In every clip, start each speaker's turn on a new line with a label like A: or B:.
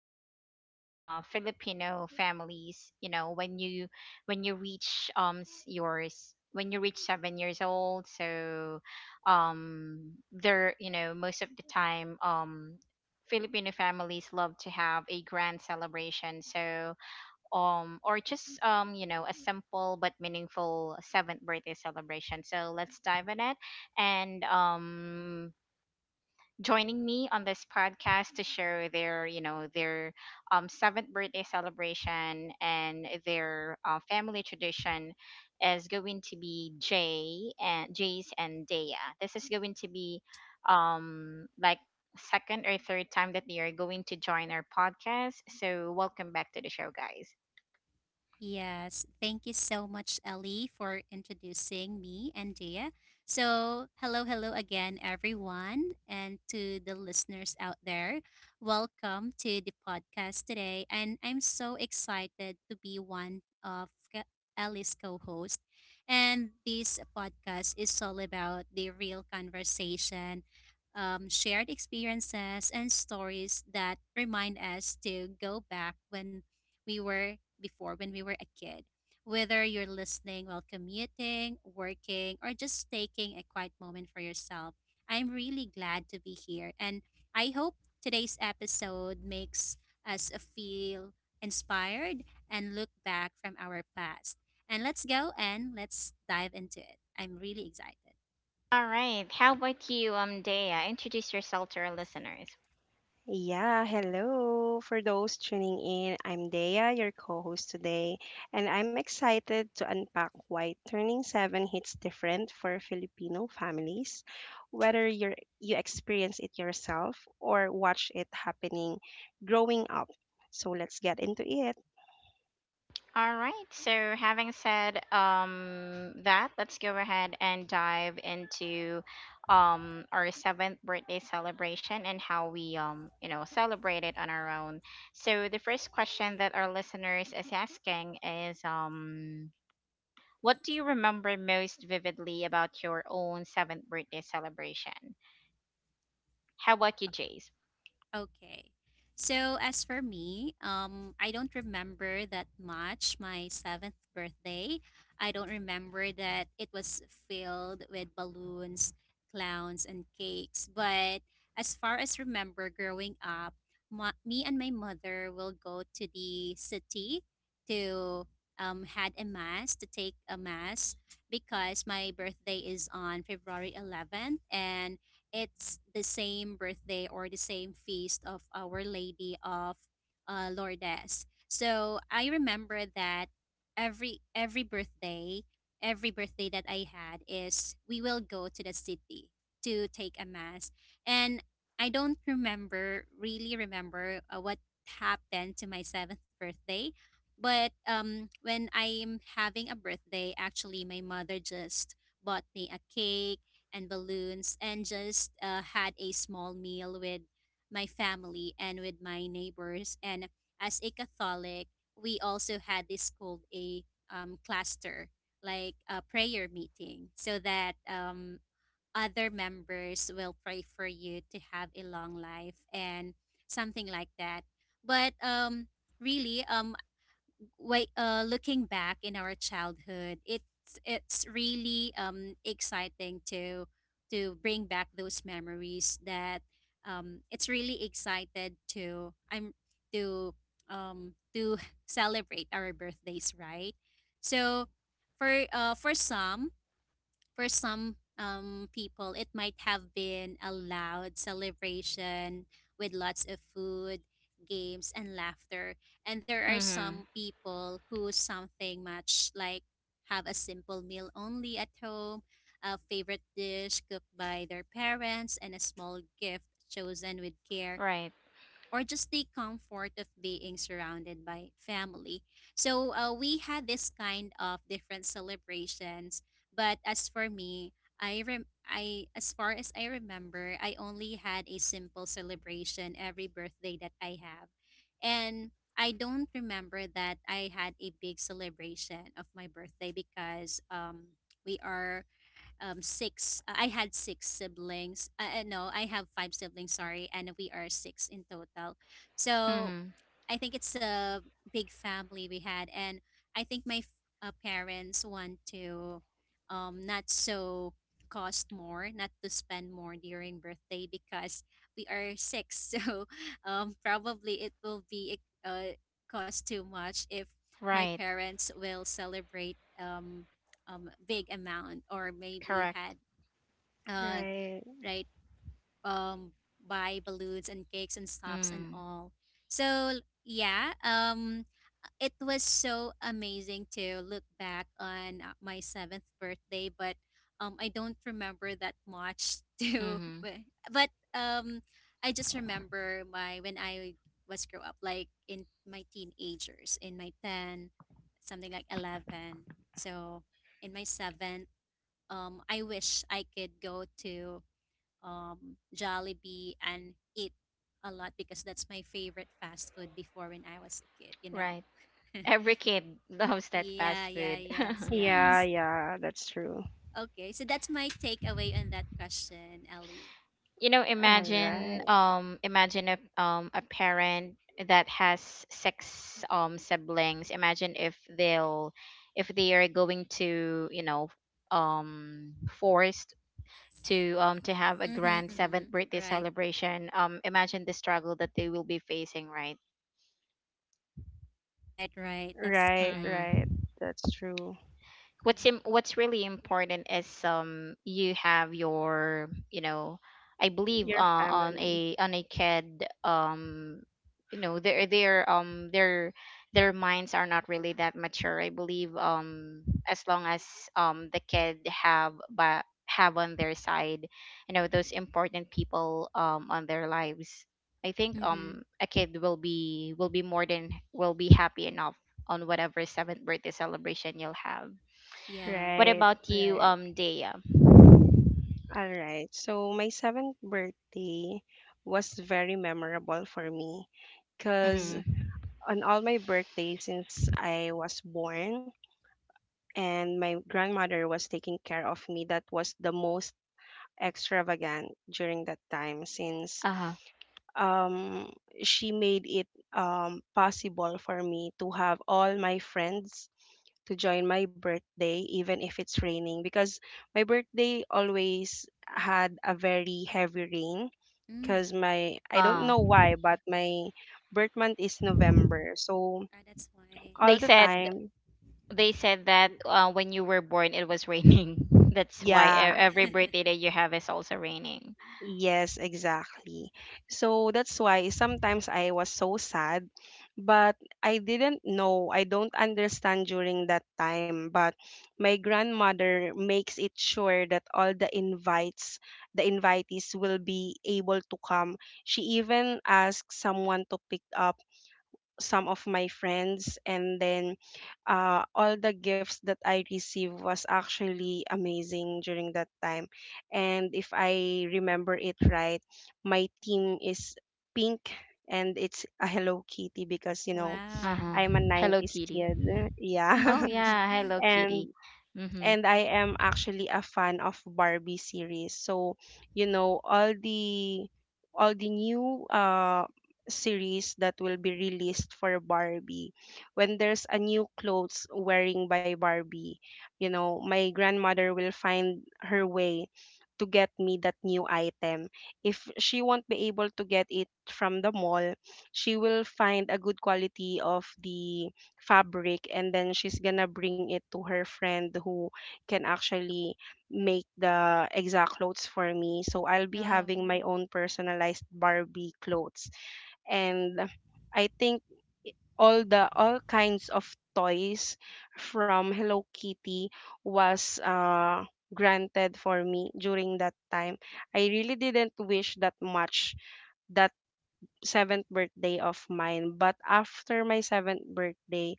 A: part of Filipino families. You know, when you reach s- yours when you reach 7 years old. So there, you know, most of the time, Filipino families love to have a grand celebration. So, or just, you know, a simple but meaningful seventh birthday celebration. So let's dive in it. And joining me on this podcast to share their, you know their seventh birthday celebration and their family tradition is going to be Jay and Jace and Daya. This is going to be, like, second or third time that they are going to join our podcast. So welcome back to the show, guys.
B: Yes, thank you so much, Ellie, for introducing me and Dea. So, hello again, everyone, and to the listeners out there. Welcome to the podcast today. And I'm so excited to be one of Ellie's co host. And this podcast is all about the real conversation, shared experiences, and stories that remind us to go back when we were before when we were a kid. Whether you're listening while commuting, working, or just taking a quiet moment for yourself, I'm really glad to be here. And I hope today's episode makes us feel inspired and look back from our past. And let's go and let's dive into it. I'm really excited.
A: All right. How about you, Dea? Introduce yourself to our listeners.
C: Yeah, hello. For those tuning in, I'm Dea, your co host today, and I'm excited to unpack why turning seven hits different for Filipino families, whether you're, you experience it yourself or watch it happening growing up. So let's get into it.
A: All right. So, having said that, let's go ahead and dive into our seventh birthday celebration and how we, you know, celebrate it on our own. So, the first question that our listeners is asking is, what do you remember most vividly about your own seventh birthday celebration? How about you, Jace?
B: Okay. So as for me, I don't remember that much. My seventh birthday, I don't remember that it was filled with balloons, clowns, and cakes. But as far as remember, growing up, me and my mother will go to the city to had a mass to take a mass because my birthday is on February 11th and it's the same birthday or the same feast of Our Lady of Lourdes. So I remember that every birthday, every birthday that I had is we will go to the city to take a mass, and I don't remember really remember what happened to my seventh birthday, but when I'm having a birthday, actually my mother just bought me a cake and balloons and just had a small meal with my family and with my neighbors. And as a Catholic, we also had this called a cluster, like a prayer meeting, so that other members will pray for you to have a long life and something like that. But um, really, um, Looking back in our childhood, it's really exciting to bring back those memories that it's really excited to I'm to to celebrate our birthdays, right? So for some people, it might have been a loud celebration with lots of food, games, and laughter. And there are
A: Hmm.
B: some people who something much like have a simple meal only at home, a favorite dish cooked by their parents, and a small gift chosen with care
A: Right.
B: or just the comfort of being surrounded by family. So we had this kind of different celebrations. But as for me, I rem- I as far as I remember, I only had a simple celebration every birthday that I have, and I don't remember that I had a big celebration of my birthday because we are six I had six siblings no I have five siblings sorry and we are six in total so
A: Hmm.
B: I think it's a big family we had, and I think my f- parents want to not so cost more, not to spend more during birthday because we are six, so probably it will be cost too much if my
A: Right.
B: parents will celebrate big amount or maybe
A: Correct.
B: had uh
C: Right.
B: right um buy balloons and cakes and stuffs and
A: Mm-hmm.
B: all. So yeah, it was so amazing to look back on my seventh birthday, but I don't remember that much too. But I just remember my when I was grow up like in my teenagers in my 10 something like 11. So in my seventh I wish I could go to Jollibee and eat a lot because that's my favorite fast food before when I was a kid, you know.
A: Right. Every kid loves that
B: Yeah,
A: fast
B: yeah,
A: food.
B: yes,
C: Yeah,
B: yes.
C: yeah, that's true.
B: Okay, so that's my takeaway on that question, Ellie.
A: You know,
C: All right.
A: imagine a parent that has six siblings. Imagine if they'll, if they are going to, you know, forced to, to have a
B: Mm-hmm,
A: grand
B: mm-hmm.
A: seventh birthday
B: Right,
A: celebration. Imagine the struggle that they will be facing, right?
B: right, right. That's
C: Right,
B: correct.
C: right.
A: Mm-hmm.
C: That's true.
B: Mm-hmm,
A: What's really important is, you have your, you know, I believe,
C: Your
A: on
C: family.
A: a, on a kid, you know, their, their their minds are not really that mature. I believe, as long as, the kid have but have on their side, you know, those important people on their lives, I think,
B: mm-hmm.
A: a kid will be, will be more than, will be happy enough on whatever seventh birthday celebration you'll have.
B: Yeah.
A: What
C: Right,
A: about you,
C: right.
A: Dea?
C: All right. So my seventh birthday was very memorable for me because
A: Mm-hmm.
C: on all my birthdays since I was born and my grandmother was taking care of me, that was the most extravagant during that time since
A: Uh-huh.
C: um, she made it possible for me to have all my friends to join my birthday, even if it's raining, because my birthday always had a very heavy rain. Because
B: Mm.
C: my, I don't
A: Uh,
C: know why, but my birth month is November. So
B: Ah, that's why.
A: they
C: all the
A: said
C: time,
A: they said that, when you were born, it was raining. That's why
C: yeah,
A: every birthday that you have is also raining.
C: yes, exactly. So that's why sometimes I was so sad, but I didn't know, I don't understand during that time. But my grandmother makes it sure that all the invites, the invitees will be able to come. She even asked someone to pick up some of my friends and then all the gifts that I received was actually amazing during that time, and if I remember it right, my theme is pink and it's a Hello Kitty because you know
B: Wow.
A: Uh-huh.
C: I'm a
A: Hello
C: 90s
A: Kitty.
C: kid
A: Oh
C: yeah
A: yeah, Hello
C: and
A: Kitty. Mm-hmm.
C: and I am actually a fan of Barbie series. So, you know, all the new series that will be released for Barbie. When there's a new clothes wearing by Barbie, you know, my grandmother will find her way to get me that new item. If she won't be able to get it from the mall, she will find a good quality of the fabric and then she's gonna bring it to her friend who can actually make the exact clothes for me. So I'll be
B: Oh.
C: having my own personalized Barbie clothes. And I think all kinds of toys from Hello Kitty was granted for me during that time. I really didn't wish that much that seventh birthday of mine. But after my seventh birthday,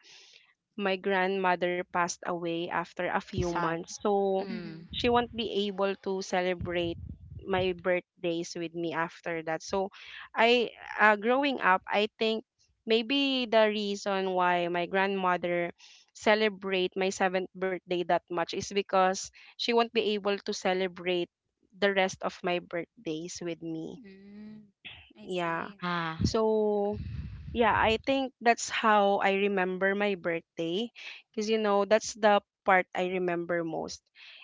C: my grandmother passed away after a few
A: Sad.
C: months. So
A: Mm.
B: Mm-hmm.
C: she won't be able to celebrate my birthdays with me after that. So I, growing up, I think maybe the reason why my grandmother celebrate my 7th birthday that much is because she won't be able to celebrate the rest of my birthdays with me.
B: Mm. I
C: Yeah.
B: see.
A: Ah,
C: So yeah, I think that's how I remember my birthday because you know that's the part I remember most.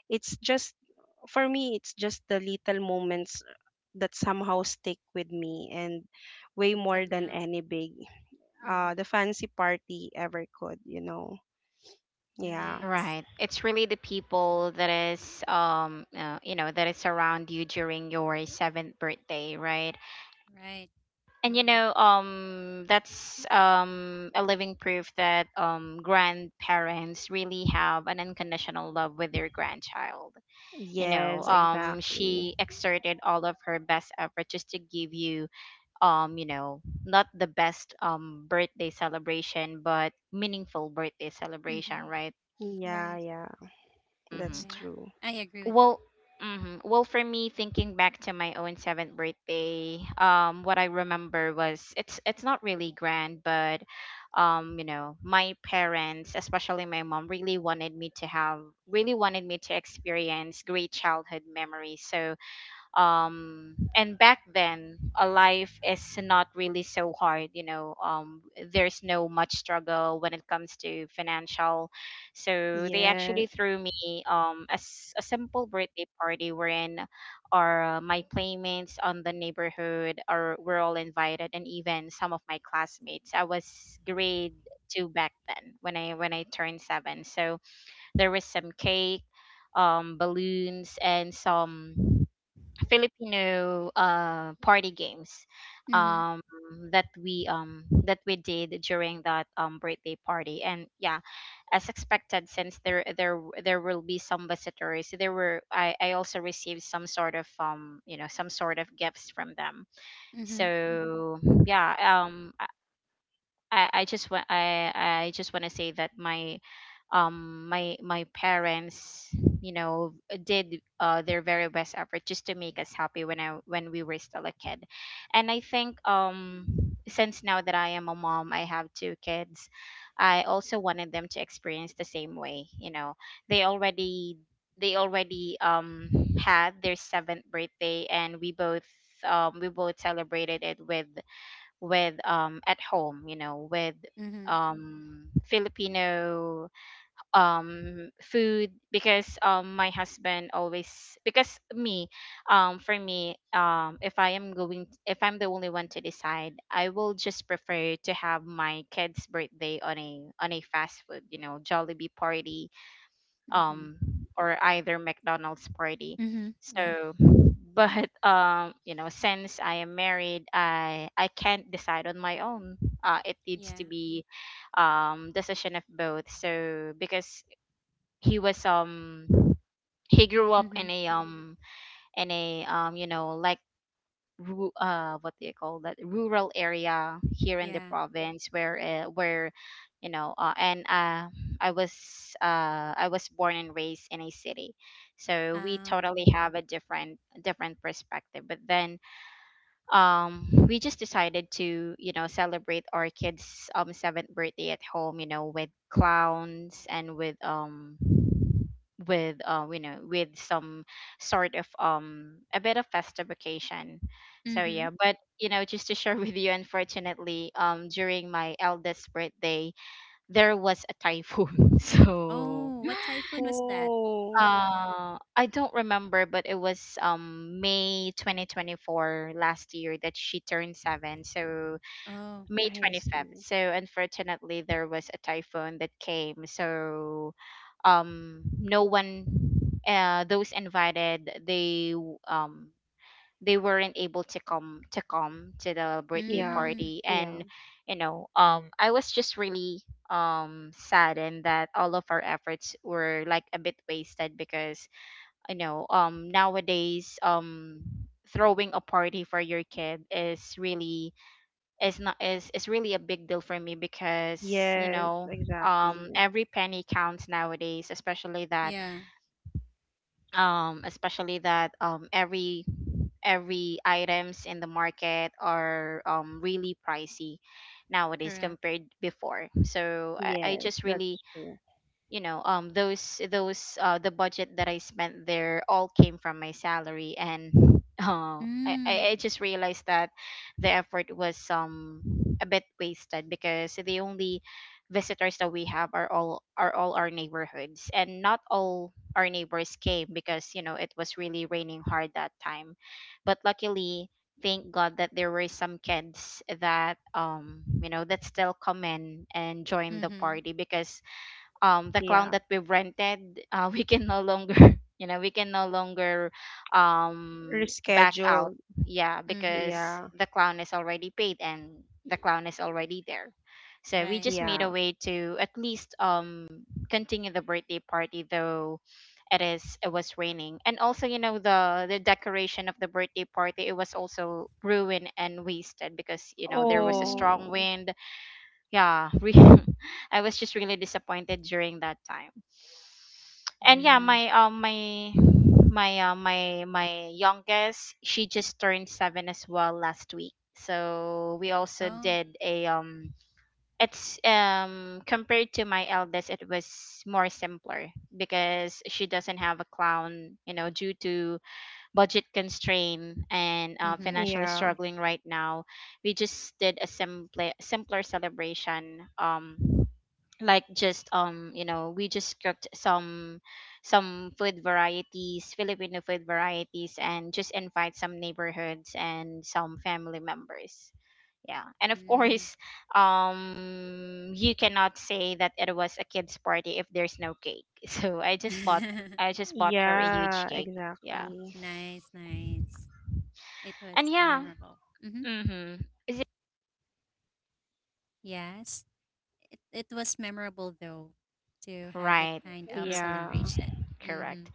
C: It's just for me it's just the little moments that somehow stick with me and way more
B: Until
C: than
B: now.
C: any big the
B: Mm-hmm.
C: fancy party ever could, you know. Yeah.
A: right.
B: Nice.
A: It's really the people that is, you know, that is around you during your seventh birthday, right?
B: Right.
A: And you know,
B: Mhm.
A: that's, a living proof that, grandparents really have an unconditional love with their grandchild. You know,
C: Yes, exactly.
A: she exerted all of her best effort just to give you, you know, not the best birthday celebration, but meaningful birthday celebration,
B: Mhm.
A: right?
C: Yeah,
B: Right.
C: yeah. That's
A: Mm-hmm.
B: Right.
C: true.
B: I agree with
A: Well,
B: that.
A: mhm. Well, for me, thinking back to my own seventh birthday, what I remember was, it's not really grand, but, you know, my parents, especially my mom, really wanted me to experience great childhood memories. So, and back then a life is not really so hard, you know. There's no much struggle when it comes to financial. So they
C: Yes.
A: actually threw me a simple birthday party wherein our my playmates on the neighborhood are were all invited, and even some of my classmates. I was grade two back then, when I turned seven. So there was some cake, balloons, and some Filipino party games, um
B: Mhm.
A: that we, that we did during that birthday party. And yeah, as expected, since there will be some visitors, there were, I also received some sort of, you know, some sort of gifts from them.
B: Mhm.
A: So yeah, I just want, I just want to say that my, my parents, you know, did their very best effort just to make us happy when we were still a kid. And I think, since now that I am a mom, I have two kids, I also wanted them to experience the same way. You know, they already they already, had their seventh birthday, and we both, we both celebrated it with, at home, you know, with,
B: Mhm.
A: Filipino food, because, my husband always, because me, for me, if I'm the only one to decide, I will just prefer to have my kids birthday on a, on a fast food, you know, Jollibee party, um
B: Mhm.
A: or either McDonald's party.
B: Mhm. Yeah.
A: So but, you know, since I am married, I can't decide on my own. Uh, it needs to
B: Yeah.
A: be, decision of both. So, because he was, he grew up in
B: Mhm.
A: a, in a, you know, like, what do you call that, rural area here in the
B: Yeah.
A: province where, you know, and I was I was born and raised in a city. So we
B: Oh.
A: totally have a different perspective. But then, we just decided to, you know, celebrate our kids 7th birthday at home, you know, with clowns and with, you know, with some sort of, a bit of festive occasion. So yeah.
B: Mhm.
A: But you know, just to share with you, unfortunately, during my eldest birthday there was a typhoon. So,
B: Oh, what typhoon was that?
C: Oh,
A: uh, I don't remember, but it was may 2024 last year that she turned seven. So
B: Oh.
A: May
C: I
A: 25th.
C: see.
A: So unfortunately, there was a typhoon that came. So, no one, those invited, they weren't able to come to the birthday
C: Yeah.
B: Mm.
A: party.
C: Yeah.
A: And you know, I was just really, saddened that all of our efforts were, like, a bit wasted. Because, you know, nowadays, throwing a party for your kid is really, is not is is really a big deal for me. Because, you
C: Yes,
A: know,
C: exactly.
A: every penny counts nowadays, especially that,
B: Yeah.
A: especially that, every items in the market are, really pricey nowadays
B: Correct.
A: compared before. So I
C: Yes,
A: just
C: that's
A: really,
C: true.
A: you know, those, the budget that I spent there all came from my salary. And
B: Mm.
A: I just realized that the effort was, a bit wasted, because the only visitors that we have are all, our neighborhoods, and not all our neighbors came, because you know, it was really raining hard that time. But luckily, thank god that there were some kids that, you know, that still come in and join the
B: Mhm.
A: party, because, the clown
C: Yeah.
A: that we've rented, we can no longer you know, we can no longer, back out.
C: Rescheduled.
A: Yeah, because
B: Mhm.
C: Yeah.
A: the clown is already paid and the clown is already there. So we just
B: Right.
A: made
C: Yeah.
A: a way to at least, continue the birthday party, though it was raining. And also, you know, the decoration of the birthday party, it was also ruined and wasted, because you know, there was a
B: Oh.
A: strong
C: Oh,
A: wind. Yeah. I was just really disappointed during that time. And yeah,
B: Mm.
A: my youngest, she just turned seven as well last week. So we also
B: Oh.
A: did a, it's, compared to my eldest, it was more simpler, because she doesn't have a clown, you know, due to budget constraint and,
B: Mhm.
A: financially
C: yeah.
A: struggling right now. We just did a simpler celebration, like, just, you know, we just cooked some, food varieties, Filipino food varieties, and just invite some neighborhoods and some family members. Yeah. And of
B: Mm.
A: course, you cannot say that it was a kids party if there's no cake. So I just bought her a huge
C: Yeah,
A: cake. Yeah.
C: exactly.
B: Nice. Nice. It
A: And
B: was
A: yeah.
B: memorable. Mhm.
A: Mm-hmm.
B: Yes. It was memorable though to have that
A: Right.
B: kind of
C: Yeah.
A: Mm-hmm.
B: celebration. Mm-hmm.
A: Correct.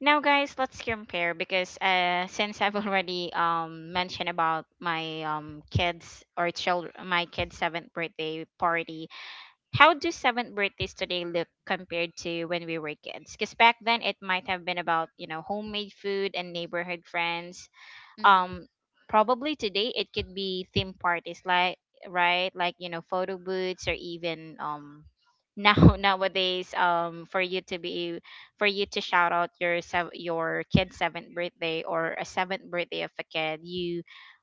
A: Now, guys, let's compare. Because, since I've already, mentioned about my kids or child my kids' seventh birthday party, how do seventh birthdays today look compared to when we were kids? Because back then it might have been about, you know, homemade food and neighborhood friends,
B: Mm-hmm.
A: um probably today it could be theme parties, like, right, like, you know, photo booths or even now nowadays, for you to be for you to shout out your your kid's seventh birthday, or a seventh birthday of a kid you,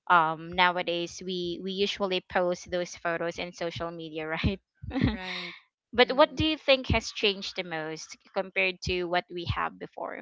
A: nowadays we usually post those photos in social media, right?
B: Right.
A: But what
B: Mm-hmm.
A: do you think has changed the most compared to what we have before,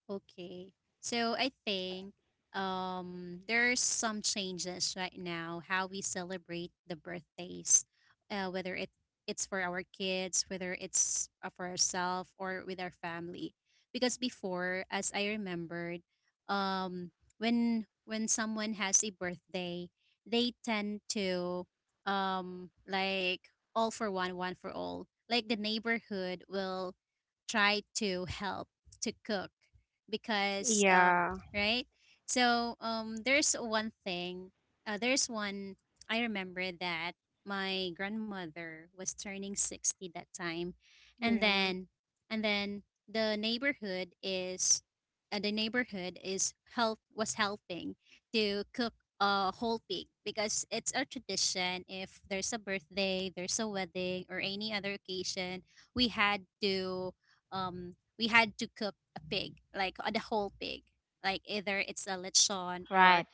B: Okay. So I think there's some changes right now how we celebrate the birthdays, whether it it's for our kids, whether it's for ourselves or with our family. Because before, as I remembered, um, when someone has a birthday, they tend to like all for one, one for all. Like the neighborhood will try to help to cook because
C: Yeah.
B: right so there's one thing there's one I remember that my grandmother was turning 60 that time and
C: Yeah.
B: then and then the neighborhood is the neighborhood is help was helping to cook a whole pig because it's a tradition if there's a birthday there's a wedding or any other occasion we had to um we had to cook a pig, like the whole pig, like either it's a lechon
A: right?
B: or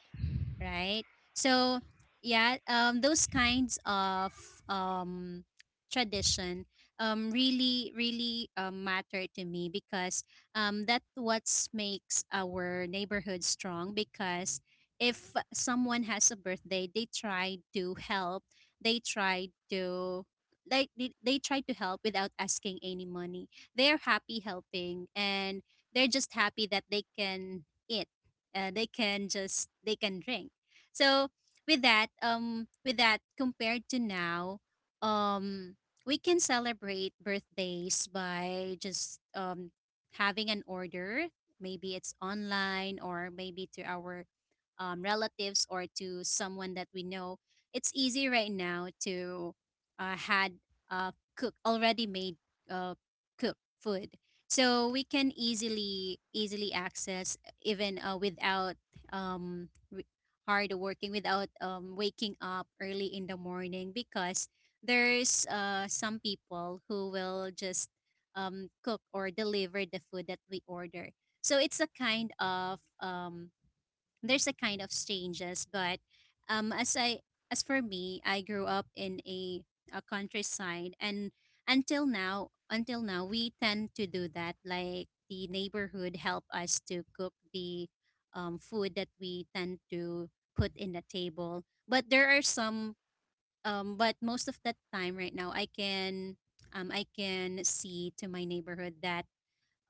B: right? So yeah, those kinds of um, tradition really matter to me because that what makes our neighborhood strong. Because if someone has a birthday, they try to help. They try to they try to help without asking any money. They're happy helping and they're just happy that they can eat they can drink so with that compared to now um we can celebrate birthdays by just having an order maybe it's online or maybe to our relatives or to someone that we know it's easy right now to had cook already made uh, cook food so we can easily access even without um, re- hard working, without waking up early in the morning, because there's some people who will just cook or deliver the food that we order. So it's a kind of there's a kind of changes but um as i as for me I grew up in a countryside and until now we tend to do that like the neighborhood help us to cook the food that we tend to put in the table but there are some but most of the time right now I can see to my neighborhood that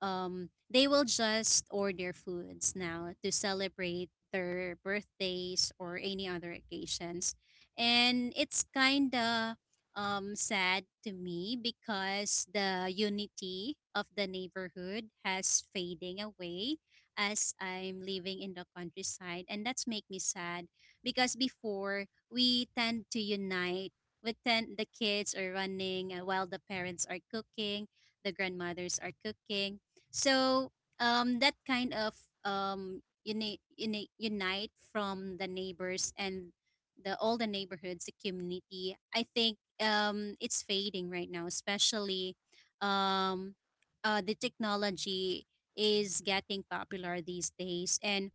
B: they will just order foods now to celebrate their birthdays or any other occasions. And it's kind of sad to me because the unity of the neighborhood has fading away as I'm living in the countryside. And that's make me sad because before we tend to unite. With ten, the kids are running while the parents are cooking, the grandmothers are cooking so that kind of unite from the neighbors and the all the neighborhoods, the community. I think it's fading right now, especially um, the technology is getting popular these days, and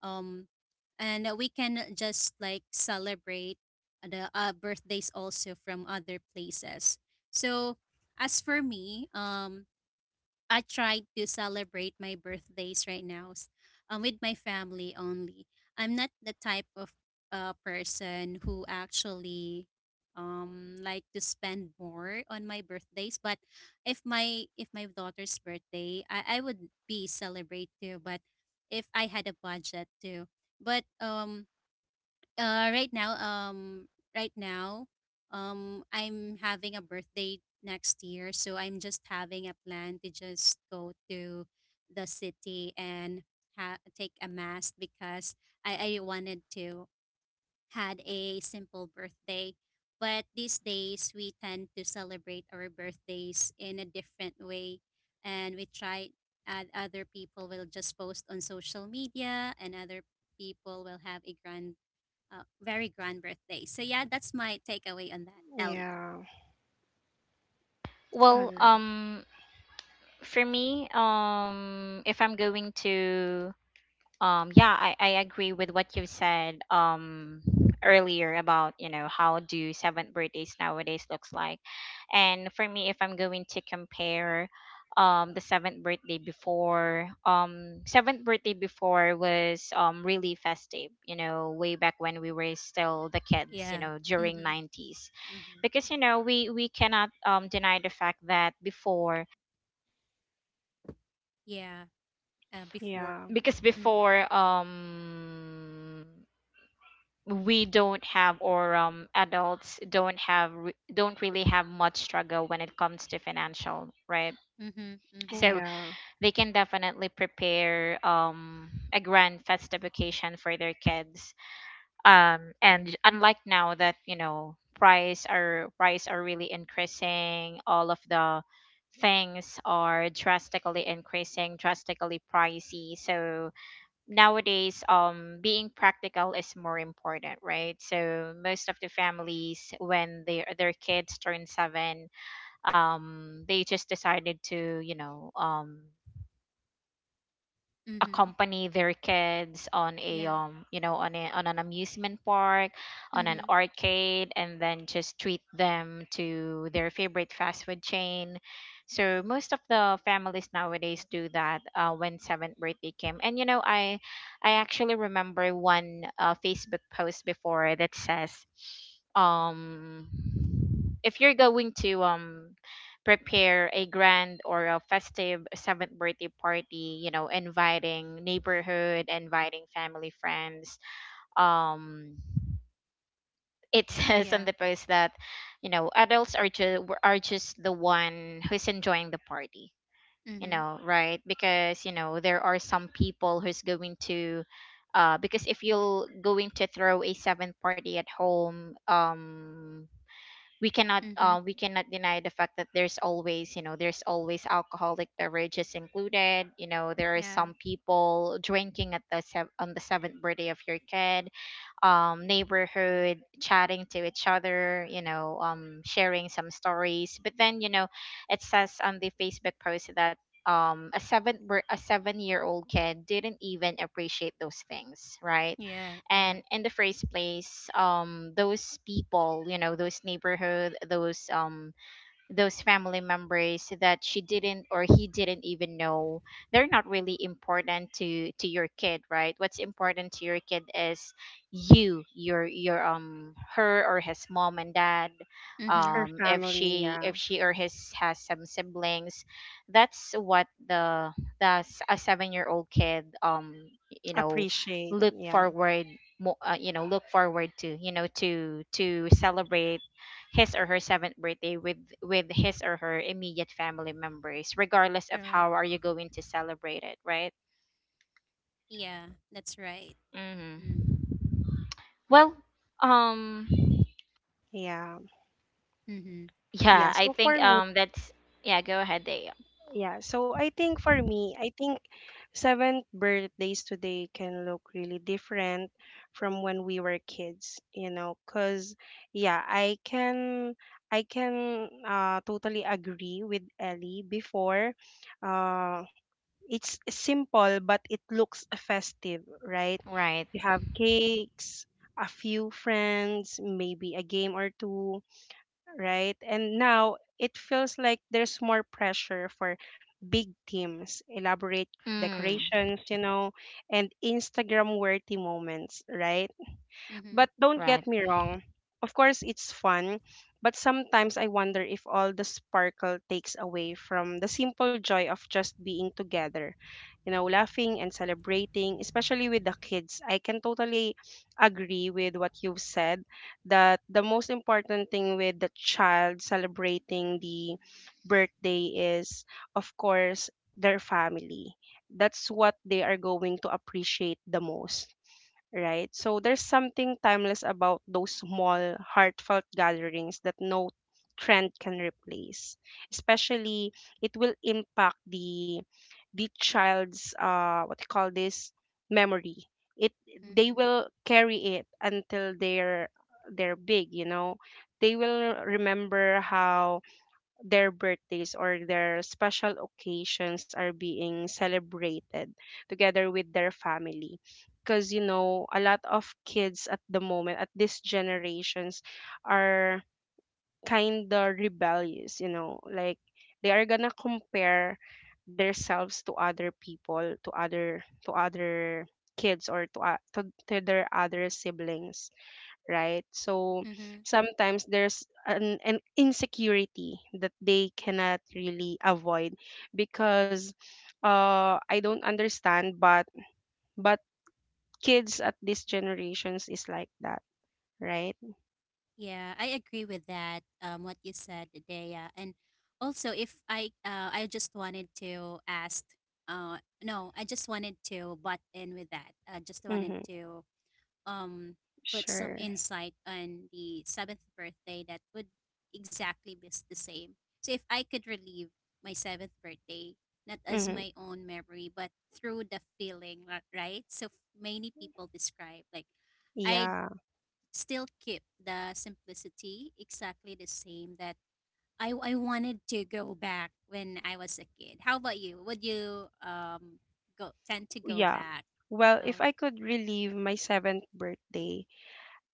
B: um, we can just like celebrate the birthdays also from other places. So as for me, I tried to celebrate my birthdays right now with my family only. I'm not the type of person who actually like to spend more on my birthdays but if my daughter's birthday I would be celebrate too but if I had a budget too but um uh, right now, um, right now, I'm having a birthday next year, so I'm just having a plan to just go to the city and take a mass because I wanted to had a simple birthday. But these days we tend to celebrate our birthdays in a different way, and we try. And other people will just post on social media, and other people will have a grand very grand birthday. So yeah, that's my takeaway on that, Ellie.
C: Yeah. All
A: Well,
C: right.
A: for me, if I'm going to, yeah, I agree with what you said, earlier about, you know, how do seventh birthdays nowadays looks like, and for me, if I'm going to compare, the seventh birthday before was really festive, you know, way back when we were still the kids,
B: Yeah.
A: you know, during
B: Mm-hmm.
A: 90s,
B: Mm-hmm.
A: because, you know, we cannot deny the fact that before,
B: Yeah. Before.
C: Yeah.
A: because
B: Mm,
A: before we don't have, or adults don't have don't really have much struggle when it comes to financial, right?
B: Mm-hmm. Mm-hmm.
A: So
C: Yeah.
A: they can definitely prepare a grand festive occasion for their kids, and unlike now that, you know, price are really increasing. All of the things are drastically increasing, drastically pricey, so nowadays, being practical is more important, right? So most of the families, when their kids turn seven, they just decided to, you know,
B: Mm-hmm.
A: accompany their kids on a
B: Yeah.
A: you know, on an amusement park, on an
B: Mm-hmm.
A: arcade, and then just treat them to their favorite fast food chain. So most of the families nowadays do that when seventh birthday came. And, you know, I actually remember one Facebook post before that says, um if you're going to prepare a grand or a festive seventh birthday party, you know, inviting neighborhood, inviting family friends, um it says
B: Yeah.
A: on the post that, you know, adults are just the one who's enjoying the party, you
B: Mm-hmm.
A: know, right? Because, you know, there are some people who's going to, because if you're going to throw a seventh party at home,
B: Mm-hmm.
A: we cannot deny the fact that there's always, you know, there's always alcoholic beverages included. You know, there are
B: Yeah.
A: some people drinking at the on the seventh birthday of your kid. Neighborhood chatting to each other, you know, sharing some stories, but then, you know, it says on the Facebook post that, a a 7-year old kid didn't even appreciate those things, right?
B: Yeah. Yeah.
A: And in the first place, those people, you know, those neighborhood, those family members that she didn't or he didn't even know, they're not really important to your kid, right? What's important to your kid is you, your her or his mom and dad,
B: Mm-hmm.
C: Her
A: if
C: family,
A: she if
C: yeah.
A: she or his has some siblings, that's what a 7-year-old kid, you know,
C: Appreciate.
A: look
C: Yeah.
A: you know, look forward to, you know, to celebrate his or her seventh birthday with his or her immediate family members, regardless of
B: Correct.
A: how are you going to celebrate it, right?
B: Yeah, that's right.
A: Mm-hmm.
B: Mm-hmm.
A: Well, um,
C: Yeah.
B: Mm-hmm.
A: yeah,
C: Yeah.
A: I think that's yeah. Go ahead, they
C: Yeah, so I think for me, I think seventh birthdays today can look really different from when we were kids, you know, because yeah, I can totally agree with Ellie before. Uh, it's simple, but it looks festive, right?
A: right.
C: You have cakes, a few friends, maybe a game or two, right? And now it feels like there's more pressure for big teams, elaborate
A: Mm,
C: decorations, you know, and Instagram worthy moments, right?
B: Mm-hmm.
C: But don't
A: right.
C: get me wrong. Of course, it's fun, but sometimes I wonder if all the sparkle takes away from the simple joy of just being together, you know, laughing and celebrating, especially with the kids. I can totally agree with what you've said that the most important thing with the child celebrating the birthday is, of course, their family. That's what they are going to appreciate the most, right? So there's something timeless about those small, heartfelt gatherings that no trend can replace. Especially, it will impact the child's what you call this memory. It They
B: Mm-hmm.
C: will carry it until they're big. You know, they will remember how their birthdays or their special occasions are being celebrated together with their family because you know a lot of kids at the moment at these generations are kind of rebellious, you know, like they are gonna compare themselves to other people, to other kids, or to, to their other siblings, right? So
B: Mm-hmm.
C: sometimes there's an insecurity that they cannot really avoid because I don't understand, but kids at these generations is like that, right?
B: Yeah, I agree with that. What you said, Dea, and also if I just wanted to ask. Uh, no, I just wanted to butt in with that. I just wanted
C: Mm-hmm,
B: to um put some
C: sure.
B: insight on the seventh birthday that would exactly the same. So if I could relive my seventh birthday, not as
C: Mm-hmm,
B: my own memory, but through the feeling, right? Many people describe like I
C: yeah,
B: still keep the simplicity exactly the same that I wanted to go back when I was a kid. How about you? Would you go tend to go
C: yeah.
B: back?
C: Well,
B: Oh,
C: if I could relive my seventh birthday,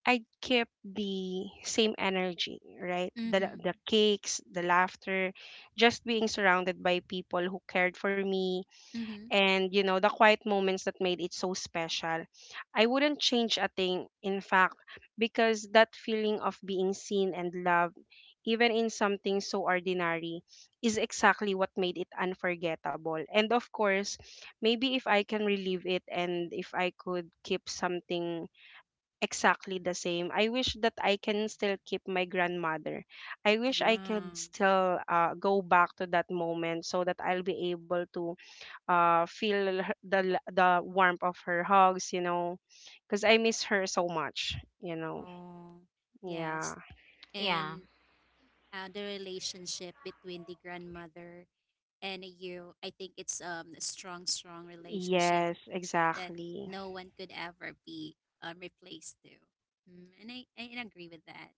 C: I'd keep the same energy, right?
B: mm-hmm.
C: The cakes, the laughter, just being surrounded by people who cared for me,
B: Mm-hmm.
C: and you know the quiet moments that made it so special. I wouldn't change a thing, in fact, because that feeling of being seen and loved, even in something so ordinary, is exactly what made it unforgettable. And of course, maybe if I can relive it and if I could keep something exactly the same, I wish that I can still keep my grandmother. I wish I
B: Ah,
C: could still go back to that moment so that I'll be able to feel the warmth of her hugs, you know, because I miss her so much, you know.
B: oh, yes.
C: Yeah.
A: Yeah.
B: And the relationship between the grandmother and you, I think it's a strong relationship
C: Yes,
B: that
C: exactly.
B: no one could ever be replaced to. Mm, and I agree with that.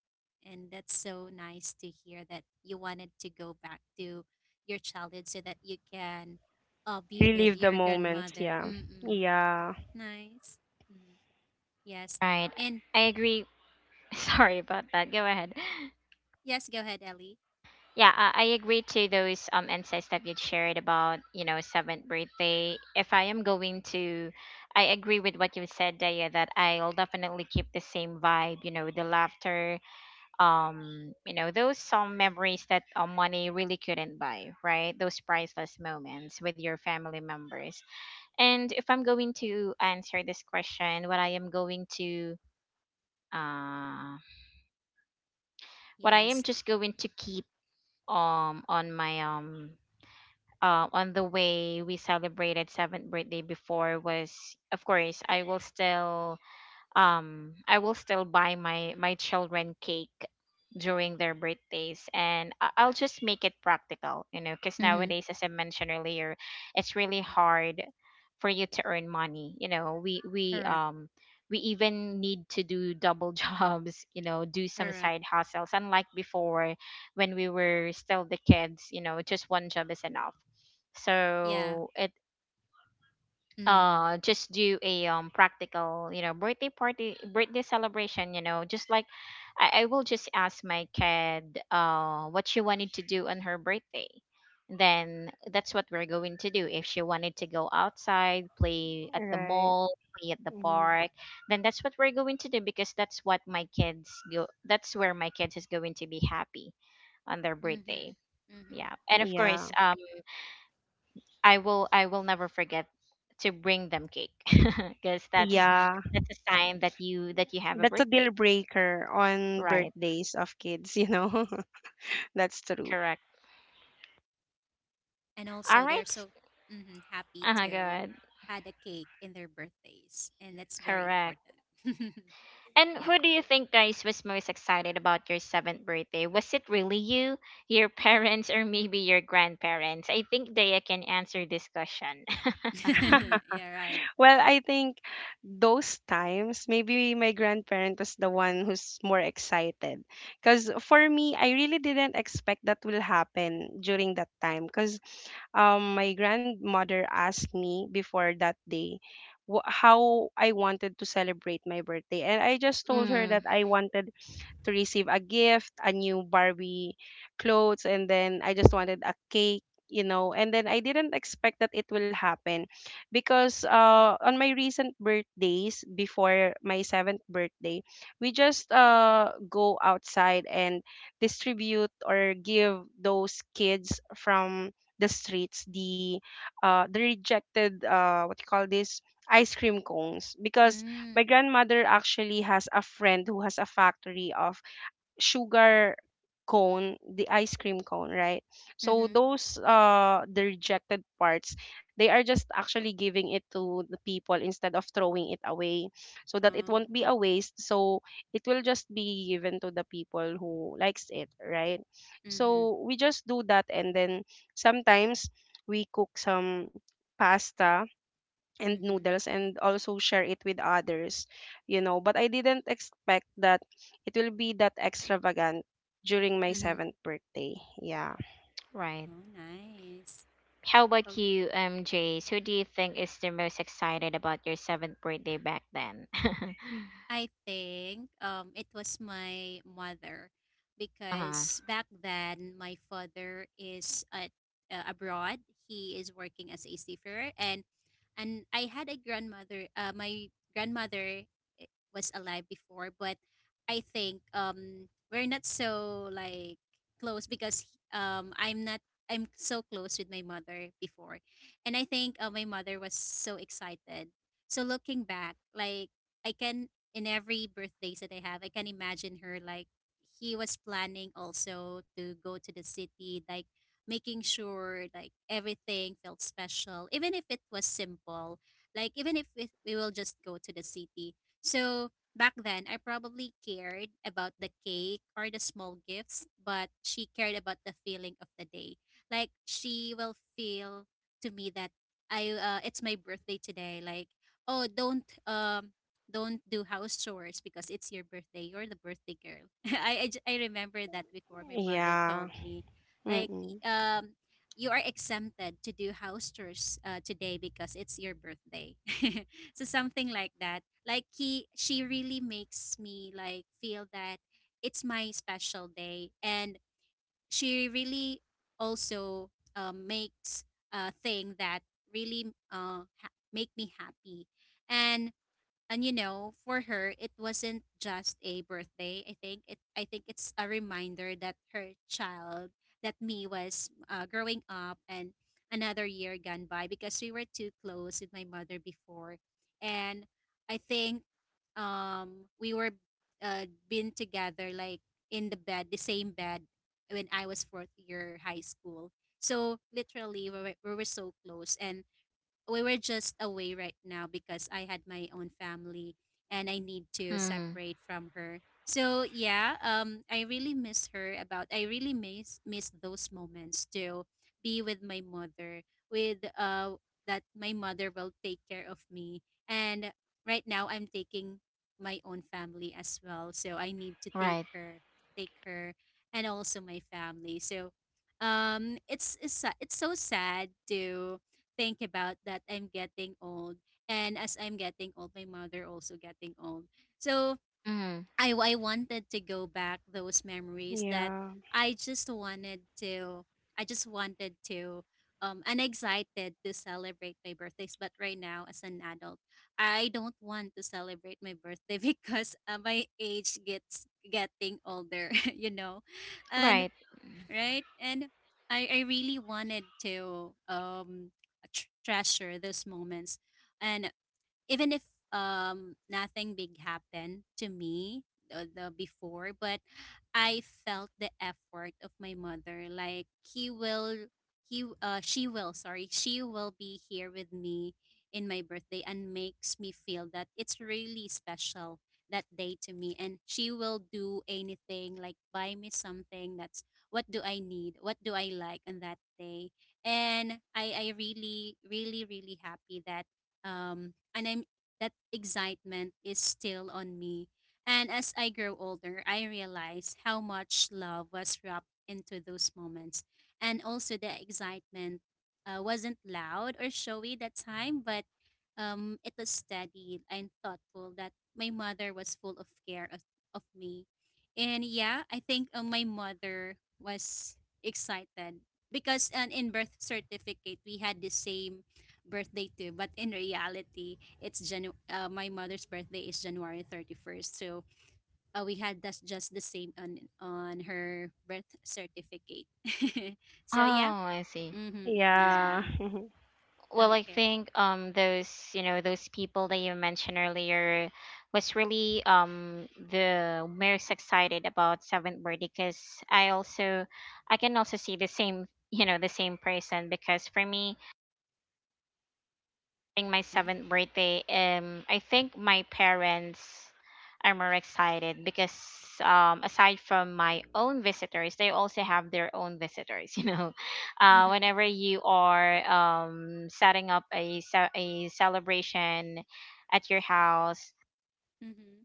B: And that's so nice to hear that you wanted to go back to your childhood so that you can be with
C: Relive the
B: your
C: moments,
B: grandmother.
C: yeah.
B: Mm-mm.
C: Yeah,
B: Nice. Mm, yes.
A: Right.
B: And
A: I agree. Sorry about that. Go ahead.
B: yes, go ahead, Ellie.
A: Yeah, I agree to those insights that you shared about, you know, seventh birthday. If I am going to, I agree with what you said, Daya, that I'll definitely keep the same vibe. You know, the laughter, you know, those some memories that, money really couldn't buy, right? Those priceless moments with your family members. And if I'm going to answer this question, what I am going to, uh, what I am
B: Yes.
A: just going to keep on my on the way we celebrated seventh birthday before was, of course, I will still buy my children cake during their birthdays. And I'll just make it practical, you know, because
B: Mm-hmm.
A: nowadays, as I mentioned earlier, it's really hard for you to earn money. You know,
B: Correct.
A: we even need to do double jobs, you know, do some
B: Correct.
A: side hustles, unlike before when we were still the kids, you know, just one job is enough.
B: Yeah.
A: So,
B: Mm-hmm.
A: just do a practical, you know, birthday party, birthday celebration, you know, just like, I will just ask my kid what she wanted to do on her birthday, then that's what we're going to do. If she wanted to go outside, play at the
C: right.
A: mall, play at the
C: Mhm.
A: park, then that's what we're going to do, because that's where my kids is going to be happy on their
B: Mm-hmm.
A: birthday. Yeah, and of
C: Yeah,
A: course, I will never forget to bring them cake because that's
B: Mm-hmm.
C: yeah,
A: that's a sign that you have a
C: that's a
A: birthday.
C: deal breaker on
A: Right.
C: birthdays of kids, you know. That's true.
A: Correct.
B: And
A: All
B: also they're
A: right.
B: so mhm, happy
A: Uh-huh, go
B: to
A: ahead.
B: had a cake in their birthdays, and that's very
A: Correct.
B: important.
A: And who
B: Yeah.
A: do you think, guys, was most excited about your seventh birthday? Was it really you, your parents, or maybe your grandparents? I think Daya can answer this question.
B: Yeah, right.
C: Well, I think those times, maybe my grandparent was the one who's more excited. Because for me, I really didn't expect that will happen during that time. Because my grandmother asked me before that day how I wanted to celebrate my birthday. And I just told her
A: Mm,
C: that I wanted to receive a gift, a new Barbie clothes, and then I just wanted a cake, you know. And then I didn't expect that it will happen because on my recent birthdays, before my seventh birthday, we just go outside and distribute or give those kids from the streets the rejected what you call this ice cream cones because
B: Mm.
C: my grandmother actually has a friend who has a factory of sugar cone, the ice cream cone, right? So
B: Mm-hmm.
C: those the rejected parts, they are just actually giving it to the people instead of throwing it away so that it
B: Oh.
C: won't be a waste. So it will just be given to the people who likes it, right?
B: Mm-hmm.
C: So we just do that and then sometimes we cook some pasta and
B: Mm-hmm.
C: noodles and also share it with others, you know, but I didn't expect that it will be that extravagant during my
B: Mm-hmm.
C: seventh birthday. Yeah.
A: right.
B: Oh, nice.
A: How about
B: Oh,
A: you, Jace? Who do you think is the most excited about your seventh birthday back then?
B: I think it was my mother,
A: Uh-huh.
B: because back then my father is at abroad. He is working as a seafarer, and I had a grandmother. My grandmother was alive before, but I think we're not so like close because I'm not. I'm so close with my mother before, and I think my mother was so excited. So looking back, like, I can in every birthdays that I have, I can imagine her like he was planning also to go to the city, like making sure like everything felt special, even if it was simple. Like even if we will just go to the city. So back then I probably cared about the cake or the small gifts, but she cared about the feeling of the day. Like she will feel to me that I it's my birthday today. Like oh don't do house chores because it's your birthday. You're the birthday girl. I remember that before my mother
C: Yeah.
B: told me, like,
C: Mm-mm.
B: you are exempted to do house chores today because it's your birthday. So something like that. Like she really makes me like feel that it's my special day, and she really also makes a thing that really make me happy and and you know for her it wasn't just a birthday. I think it's a reminder that her child that me was growing up and another year gone by because we were too close with my mother before. And I think we were been together like in the same bed when I was fourth year high school. So literally we were so close, and we were just away right now because I had my own family and I need to
A: Mm,
B: separate from her. So yeah, I really miss her. About I really miss those moments to be with my mother, with that my mother will take care of me. And right now I'm taking my own family as well, so I need to take
A: right.
B: take her, and also my family. So um, it's it's so sad to think about that I'm getting old. And as I'm getting old, my mother also getting old. So
A: Mm,
B: I wanted to go back those memories that
C: Yeah.
B: I just wanted to, I just wanted to, and excited to celebrate my birthdays. But right now, as an adult, I don't want to celebrate my birthday because my age gets getting older, you know. And
A: right.
B: right? And I really wanted to um, treasure those moments. And even if nothing big happened to me the before, but I felt the effort of my mother. Like he will he she will, sorry, she will be here with me in my birthday and makes me feel that it's really special that day to me, and she will do anything like buy me something. That's what do I need, what do I like on that day. And I really really happy that and I'm that excitement is still on me. And as I grow older, I realize how much love was wrapped into those moments, and also the excitement wasn't loud or showy that time, but it was steady and thoughtful. That my mother was full of of me, and yeah, I think my mother was excited because in birth certificate we had the same birthday too. But in reality, my mother's birthday is January 31st. So we had that's just the same on her birth certificate.
A: Oh,
B: So yeah.
A: I see.
B: Mm-hmm, mm,
C: Yeah.
B: yeah.
A: Well, I
B: Okay.
A: think those, you know, those people that you mentioned earlier was really the most excited about seventh birthday, because I also I can also see the same, you know, the same person. Because for me, celebrating my
B: Mm-hmm.
A: seventh birthday, I think my parents are more excited because, aside from my own visitors, they also have their own visitors. You know,
B: Mm-hmm.
A: whenever you are setting up a a celebration at your house,
B: Mm-hmm.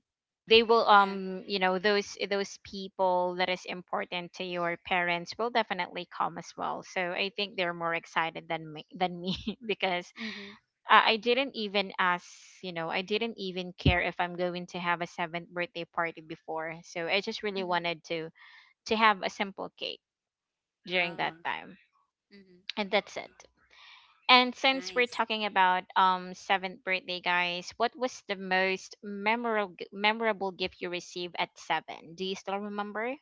A: they will,
B: Yeah.
A: you know, those people that is important to your parents will definitely come as well. So I think they're more excited than me because,
B: Mm-hmm.
A: I didn't even ask, you know, I didn't even care if I'm going to have a seventh birthday party before. So I just really
B: Mm-hmm.
A: wanted to have a simple cake during that
B: Oh.
A: time,
B: Mm-hmm.
A: and that's it.
B: Ni-.
A: And since we're
B: Nice.
A: talking about seventh birthday, guys, what was the most memorable gift you received at seven? Do you still remember?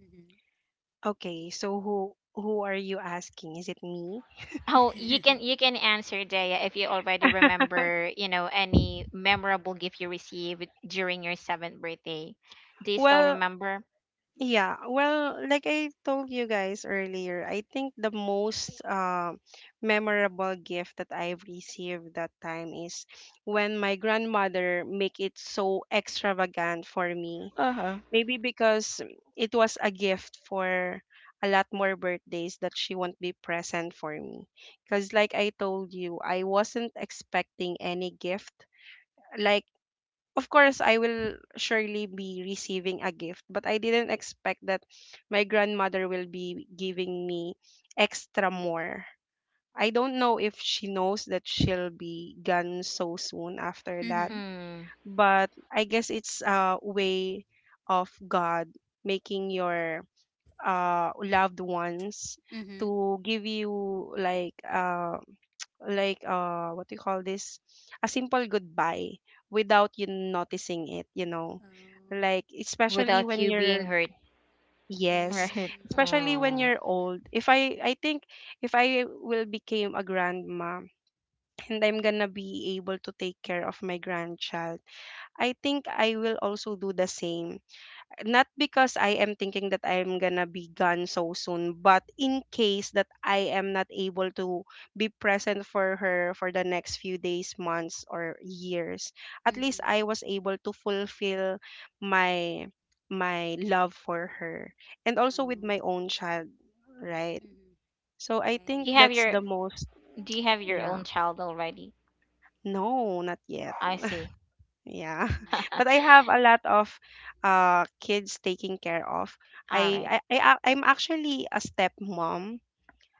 B: Mm-hmm.
C: Okay, so who are you asking, is it me?
A: Oh, you can you can answer, Daya, if you already remember, you know, any memorable gift you received during your seventh birthday. Do you still
C: Well,
A: remember?
C: yeah, well, like I told you guys earlier, I think the most memorable gift that I've received that time is when my grandmother make it so extravagant for me. Maybe because it was a gift for a lot more birthdays that she won't be present for me. Because like I told you, I wasn't expecting any gift. Like, of course I will surely be receiving a gift, but I didn't expect that my grandmother will be giving me extra more. I don't know if she knows that she'll be gone so soon after that,
B: Mm-hmm.
A: Mm,
C: but I guess it's a way of God making your loved ones
B: Mm-hmm.
C: to give you like like what do you call this a simple goodbye without you noticing it, you know,
B: Oh.
C: like especially
A: without
C: when
A: you being
C: you're,
A: hurt,
C: yes,
A: right?
B: Mm.
C: especially when
A: Oh.
C: you're old. If I think if I will became a grandma and I'm gonna be able to take care of my grandchild, I think I will also do the same, not because I am thinking that I am gonna be gone so soon, but in case that I am not able to be present for her for the next few days, months, or years, at least
B: Mm-hmm.
C: I was able to fulfill my my love for her and also with
B: Oh.
C: my own child, right?
B: Mm-hmm.
C: So I
B: Right.
C: think
A: You have
C: that's
A: your
C: the most,
A: Do you have your
C: yeah.
A: own child already?
C: No, not yet.
A: I see.
C: Yeah.
B: Oh.
A: All
C: But I have a lot of kids taking care of. I
A: right.
C: I, I ac- I'm actually a stepmom.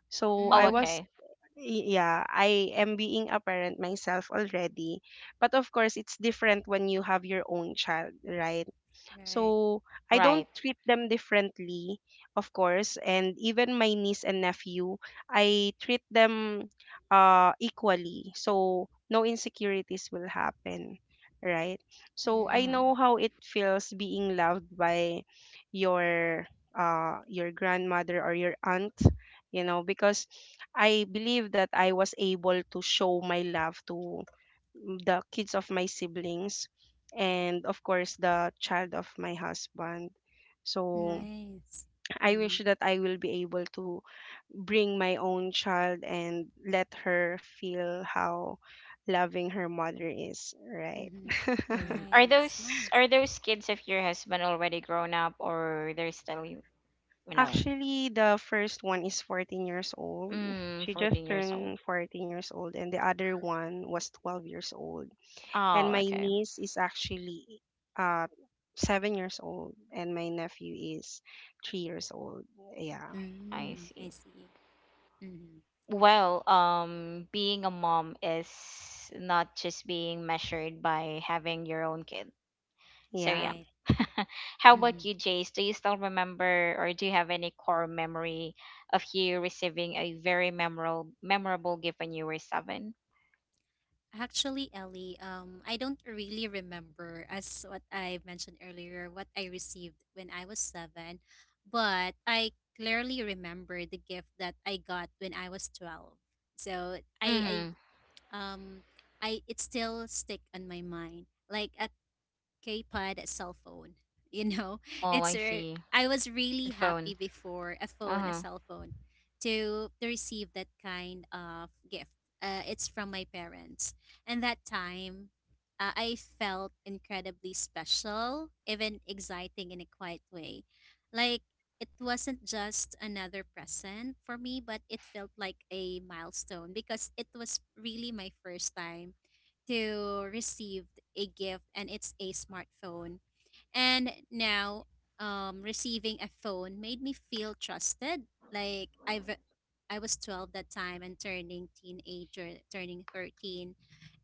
C: So
A: Oh,
C: I
B: Mm.
C: was,
A: okay.
C: yeah, I am being a parent myself already. But of course, it's different when you have your own child, right?
B: Right.
C: So I
A: Right.
C: don't treat them differently, of course. And even my niece and nephew, I treat them equally. So no insecurities will happen, right? So I
B: Mm,
A: Hmm.
C: know how it feels being loved by your your grandmother or your aunt, you know, because I believe that I was able to show my love to the kids of my siblings, and of course the child of my husband. So
B: nice.
C: I
B: Mm-hmm,
C: wish that I will be able to bring my own child and let her feel how loving her mother is, right?
B: mm-hmm.
A: Hmm. Are
B: Nice,
A: those
B: nice.
A: are those kids of your husband already grown up, or they're still, you know,
C: Actually, the first one is 14 years old. She just
A: 14 years old?
C: turned 14 years old, and the other one was 12 years old. And
A: Oh,
C: my
A: okay.
C: niece is actually uh 7 years old, and my nephew is 3 years old. Yeah.
A: I
B: Mm,
A: see.
B: I see. Mm-hmm,
A: Well, being a mom is not just being measured by having your own kid. So yeah.
C: Yeah.
B: right.
A: How about
B: Mm-hmm.
A: you, Jace? Do you still remember, or do you have any core memory of you receiving a very memorable gift when you were seven?
B: Actually, Ellie, I don't really remember as what I mentioned earlier what I received when I was seven, but I clearly remember the gift that I got when I was 12. So
A: Mm-hmm.
B: um, I it still stick on my mind. Like a K-Pod cell phone. You know,
A: Oh, I
B: it's re-
A: see.
B: I was really happy
A: Headphone.
B: before a
A: Uh-huh.
B: cell phone, to receive that kind of gift. It's from my parents, and that time, I felt incredibly special, even exciting in a quiet way. Like it wasn't just another present for me, but it felt like a milestone because it was really my first time to receive a gift, and it's a smartphone. And now receiving a phone made me feel trusted. Like I was 12 that time and turning teenager, turning 13.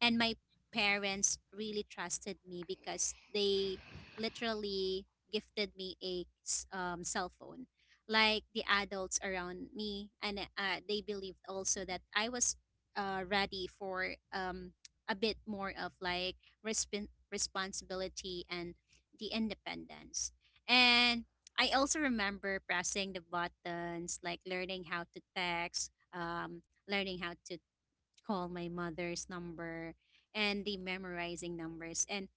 B: And my parents really trusted me because they literally gifted me a cell phone. Like the adults around me, and they believed also that I was ready for a bit more of like responsibility and the independence. And I also remember pressing the buttons, like learning how to text, learning how to call my mother's number, and the memorizing numbers, and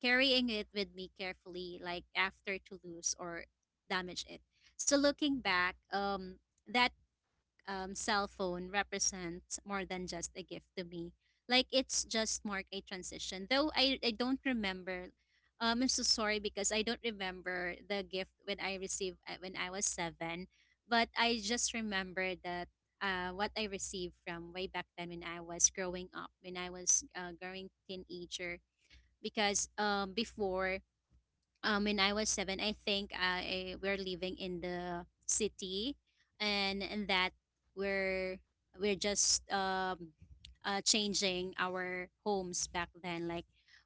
B: carrying it with me carefully, like after to lose or damage it. So looking back, that cell phone represents more than just a gift to me. Like it's just marked a transition, though I don't remember I'm so sorry because I don't remember the gift when I received when I was seven, but I just remember that what I received from way back then when I was growing up, when I was growing teenager. Because before when I was seven, I think I we're living in the city, and that we're we're just changing our homes back then. Like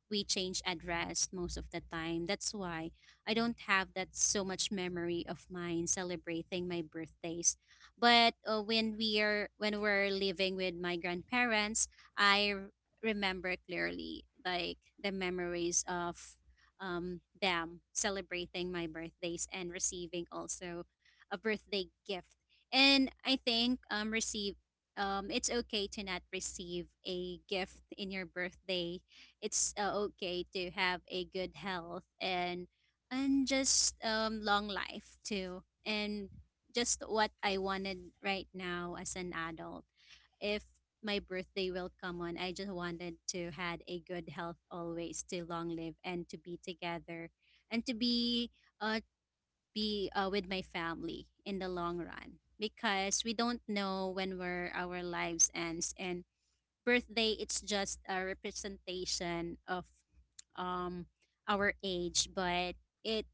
B: we change address most of the time. That's why I don't have that so much memory of mine celebrating my birthdays. But uh, when we're living with my grandparents, I r- remember clearly like the memories of them celebrating my birthdays and receiving also a birthday gift. And I think receive it's okay to not receive a gift in your birthday. It's okay to have a good health and just long life too. And just what I wanted right now as an adult if my birthday will come on. I just wanted to had a good health always, to long live and to be together and to be uh with my family in the long run, because we don't know when our lives ends, and birthday it's just a representation of um our age, but it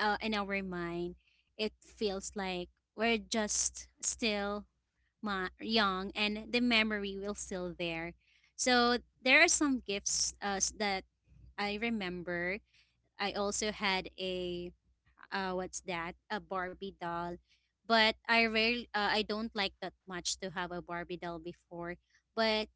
B: in our mind it feels like we're just still young and the memory will still there. So there are some gifts that I remember. I also had a what's that? A Barbie doll, but I rarely I don't like that much to have a Barbie doll before. But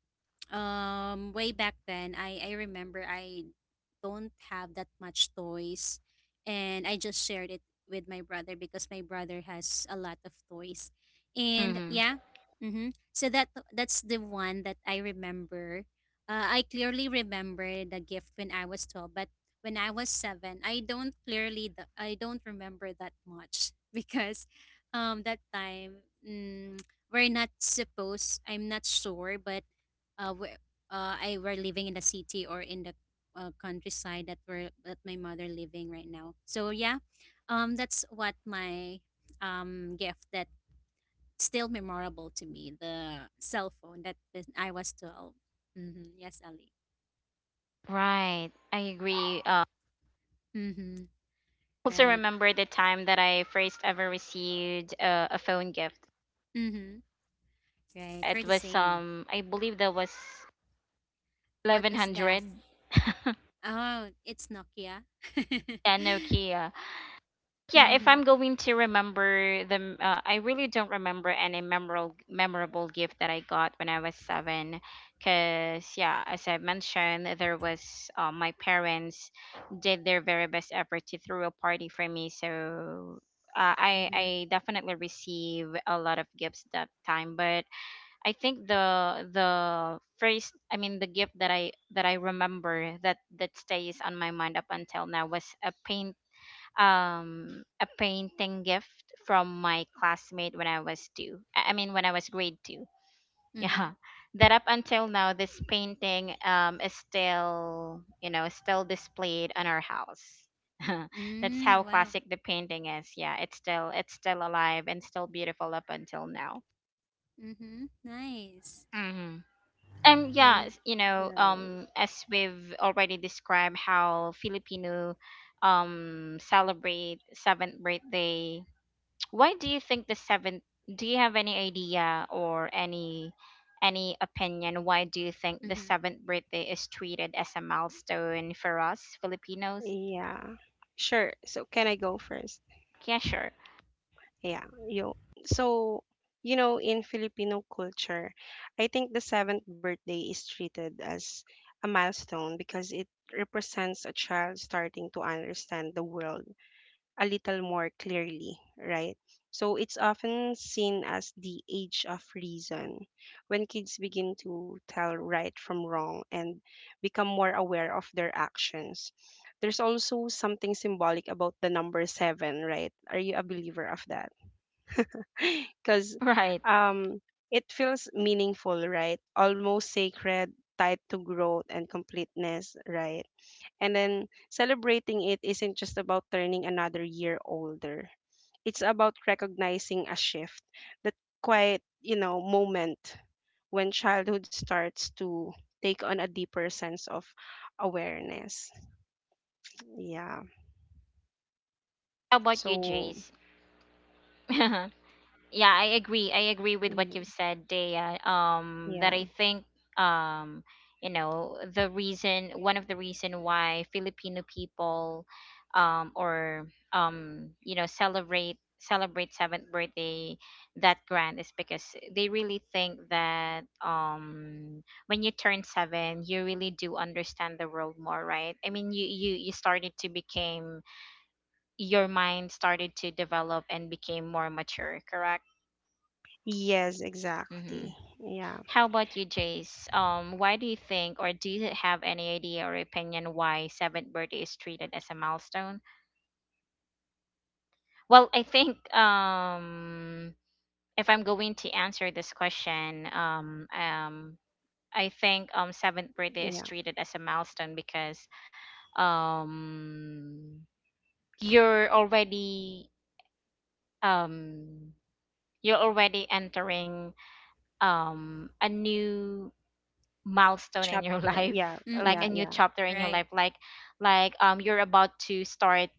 B: way back then I remember I don't have that much toys, and I just shared it with my brother because my brother has a lot of toys. And
A: Mm-hmm.
B: yeah. Mhm. So that's the one that I remember. I clearly remember the gift when I was 12, but when I was 7, I don't remember that much because that time mm, we're not supposed I'm not sure but uh, w- I were living in the city or in the countryside that were that my mother living right now. So yeah, that's what my gift that still memorable to me, the cell phone that when I was 12. Mm-hmm. Yes, Ali.
A: Right. I agree.
B: Mm-hmm.
A: Also
B: Right.
A: remember the time that I first ever received a phone gift.
B: Mm-hmm. Right. We're the
A: It was,
B: same.
A: I believe that was
B: What
A: eleven
B: is that?
A: hundred.
B: Oh, it's Nokia.
A: Yeah, Nokia. Yeah, if I'm
B: Mm-hmm.
A: going to remember I really don't remember any memorable gift that I got when I was seven, because yeah, as I mentioned, there was, my parents did their very best effort to throw a party for me, so, I
B: Mm-hmm.
A: I definitely receive a lot of gifts that time. But I think the first, I mean, the gift that I remember that stays on my mind up until now was a paint a painting gift from my classmate when I was two. I mean, when I was grade two.
B: Mm-hmm.
A: Yeah. That up until now this painting is still, you know, still displayed on our house. That's
B: Mm,
A: how
B: wow.
A: classic the painting is. Yeah, it's still alive and still beautiful up until now.
B: Mm-hmm. Nice.
A: Mm-hmm. Yeah,
B: And
A: you know,
C: Right.
A: as we've already described how Filipino celebrate seventh birthday. Why do you think the seventh? Do you have any idea or any opinion? Why do you think the
B: mm-hmm.
A: seventh birthday is treated as a milestone for us Filipinos?
C: Yeah, sure. So can I go first?
A: Yeah, sure.
C: Yeah, yo. So, you know, in Filipino culture, I think the seventh birthday is treated as a milestone because it represents a child starting to understand the world a little more clearly, right? So it's often seen as the age of reason, when kids begin to tell right from wrong and become more aware of their actions. There's also something symbolic about the number seven, right? Are you a believer of that? Because
A: Right.
C: um, it feels meaningful, right? Almost sacred, tied to growth and completeness, right? And then celebrating it isn't just about turning another year older. It's about recognizing a shift, that quiet, you know, moment when childhood starts to take on a deeper sense of awareness. Yeah.
A: How about you,
C: So.
A: Jace? Yeah, I agree with what
C: Mm.
A: you've said, Dea. That I
C: Yeah.
A: think, um you know, the reason one of the reason why Filipino people, or you know, celebrate seventh birthday that grand is because they really think that, when you turn seven you really do understand the world more, right? I mean, you started to became, your mind started to develop and became more mature, correct?
C: Yes,
A: Mm-hmm.
C: exactly. Yeah,
A: How about you, Jace? Why do you think, or do you have any idea or opinion why seventh birthday is treated as a milestone? Well, I think if I'm going to answer this question, I think seventh birthday is
C: yeah.
A: treated as a milestone because um you're already um you're already entering a new milestone in your
C: Chapter,
A: life,
C: yeah.
A: like
B: Mhm.
C: Yeah,
A: a new
C: yeah.
A: chapter in your
B: Right.
A: life, like you're about to start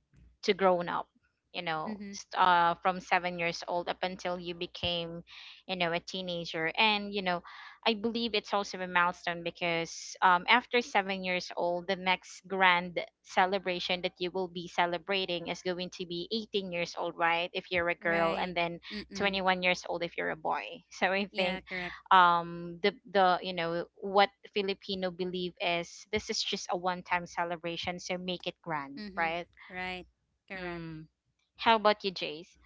A: to grown up, you know,
B: Mhm.
A: from 7 years old up until you became, you know, a teenager. And you know, I believe it's also a milestone because after 7 years old, the next grand celebration that you will be celebrating is going to be 18 years old, right, if you're a girl,
B: Right.
A: and then
B: Mm-mm.
A: 21 years old if you're a boy. So I
B: Yeah,
A: think
B: correct.
A: the you know what Filipino believe is this is just a one time celebration, so make it grand,
B: Mhm.
A: right?
B: Right. Correct.
A: Mm. How about you, Jace?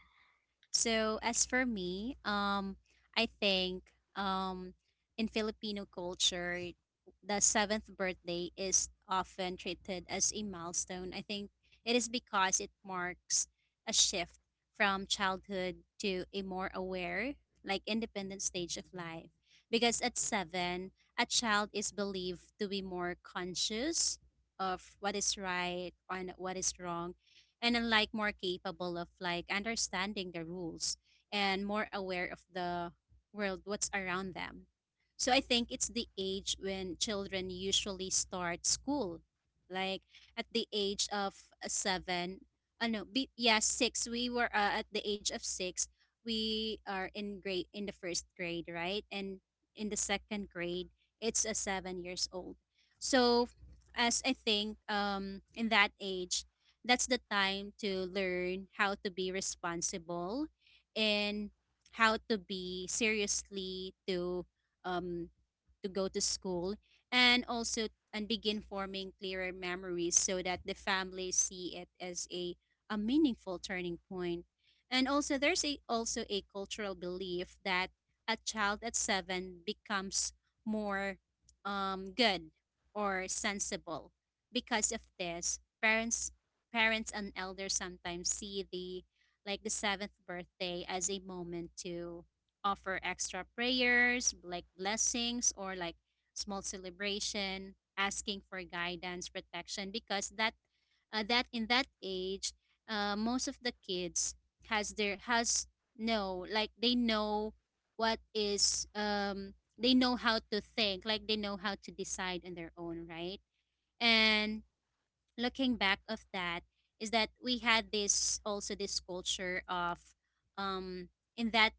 B: So as for me, I think um, in Filipino culture, the seventh birthday is often treated as a milestone. I think it is because it marks a shift from childhood to a more aware, like independent stage of life. Because at seven, a child is believed to be more conscious of what is right and what is wrong, and unlike more capable of, like, understanding the rules, and more aware of the world, what's around them. So I think it's the age when children usually start school, like at the age of seven, no, yeah, six. We were, at the age of six, we are in grade, in the first grade, right? And in the second grade, it's a 7 years old. So as I think, in that age, that's the time to learn how to be responsible, and how to be seriously to, um to go to school. And also, and begin forming clearer memories, so that the family see it as a meaningful turning point. And also there's a, also a cultural belief that a child at seven becomes more good or sensible. Because of this, parents and elders sometimes see the seventh birthday as a moment to offer extra prayers, like blessings or like small celebration, asking for guidance, protection, because that, that in that age, most of the kids, has their has no like they know what is, they know how to think, like they know how to decide on their own, right? And looking back of that is that we had this, also this culture of, um in that,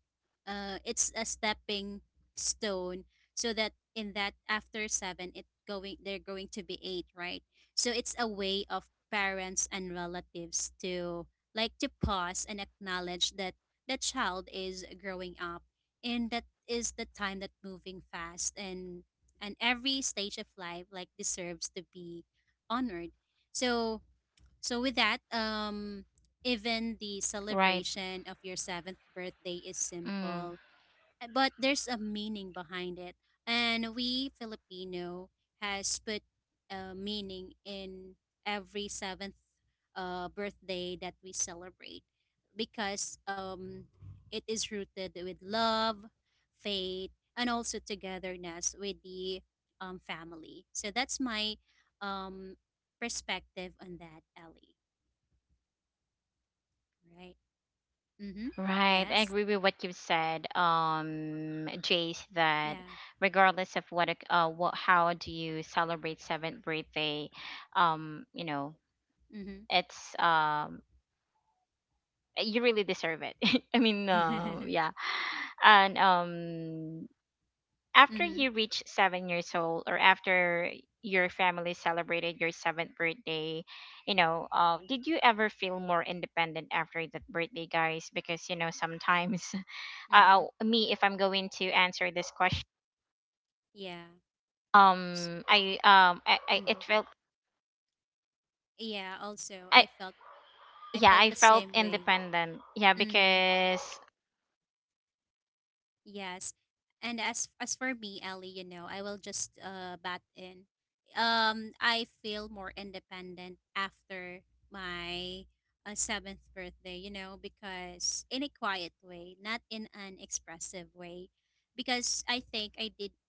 B: it's a stepping stone. So that in that, after seven, it going they're going to be eight, right? So it's a way of parents and relatives to, like, to pause and acknowledge that the child is growing up, and that is the time that moving fast, and every stage of life, like, deserves to be honored. So, so, with that, even the
A: Right.
B: celebration of your seventh birthday is
A: Mm.
B: simple, but there's a meaning behind it. And we Filipino has put a meaning in every seventh birthday that we celebrate, because it is rooted with love, faith, and also togetherness with the family. So that's my um, perspective on that, Ellie. Right. Mm-hmm.
A: Right, I
B: Yes.
A: agree with what you've said, Jace, that
B: Yeah.
A: regardless of what how do you celebrate seventh birthday, you know,
B: Mm-hmm.
A: it's you really deserve it. I mean yeah. And after
B: Mm-hmm.
A: you reach 7 years old, or after your family celebrated your seventh birthday, you know, did you ever feel more independent after that birthday, guys? Because you know, sometimes
B: Mm-hmm.
A: me, if I'm going to answer this question,
B: Yeah.
A: I, it
B: Mm-hmm.
A: felt.
B: Yeah, also
A: I
B: I felt I
A: Yeah,
B: felt
A: I
B: the
A: felt
B: same way.
A: independent, yeah,
B: Mm-hmm.
A: because
B: Yes. And as for me, Ellie, you know, I will just bat in. I feel more independent after my seventh birthday, you know, because in a quiet way, not in an expressive way. Because I think I did,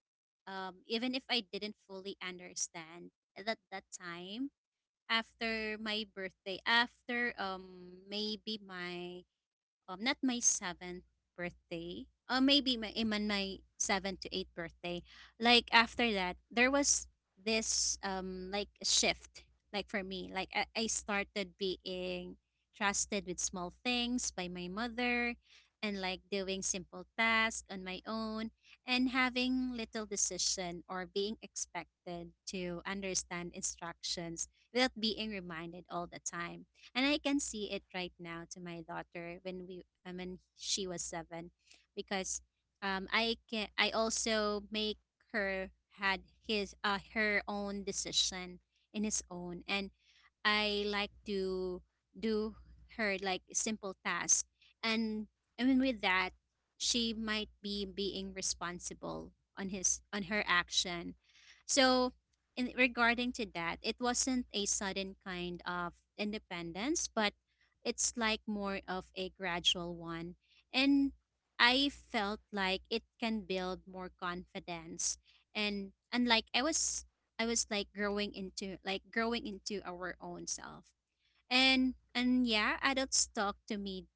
B: even if I didn't fully understand at that time, after my birthday, after maybe my not my seventh birthday, or maybe my even my seventh to eighth birthday. Like after that, there was this, like, shift. Like for me, like, I started being trusted with small things by my mother, and like doing simple tasks on my own, and having little decision or being expected to understand instructions without being reminded all the time. And I can see it right now to my daughter when we when she was seven, because, I can, I also make her had his her own decision, in his own, and I like to do her, like, simple task. And I mean, with that, she might be being responsible on his on her action. So, in regarding to that, it wasn't a sudden kind of independence, but it's like more of a gradual one, and I felt like it can build more confidence. And like I was like growing into, our own self. And yeah, adults talk to me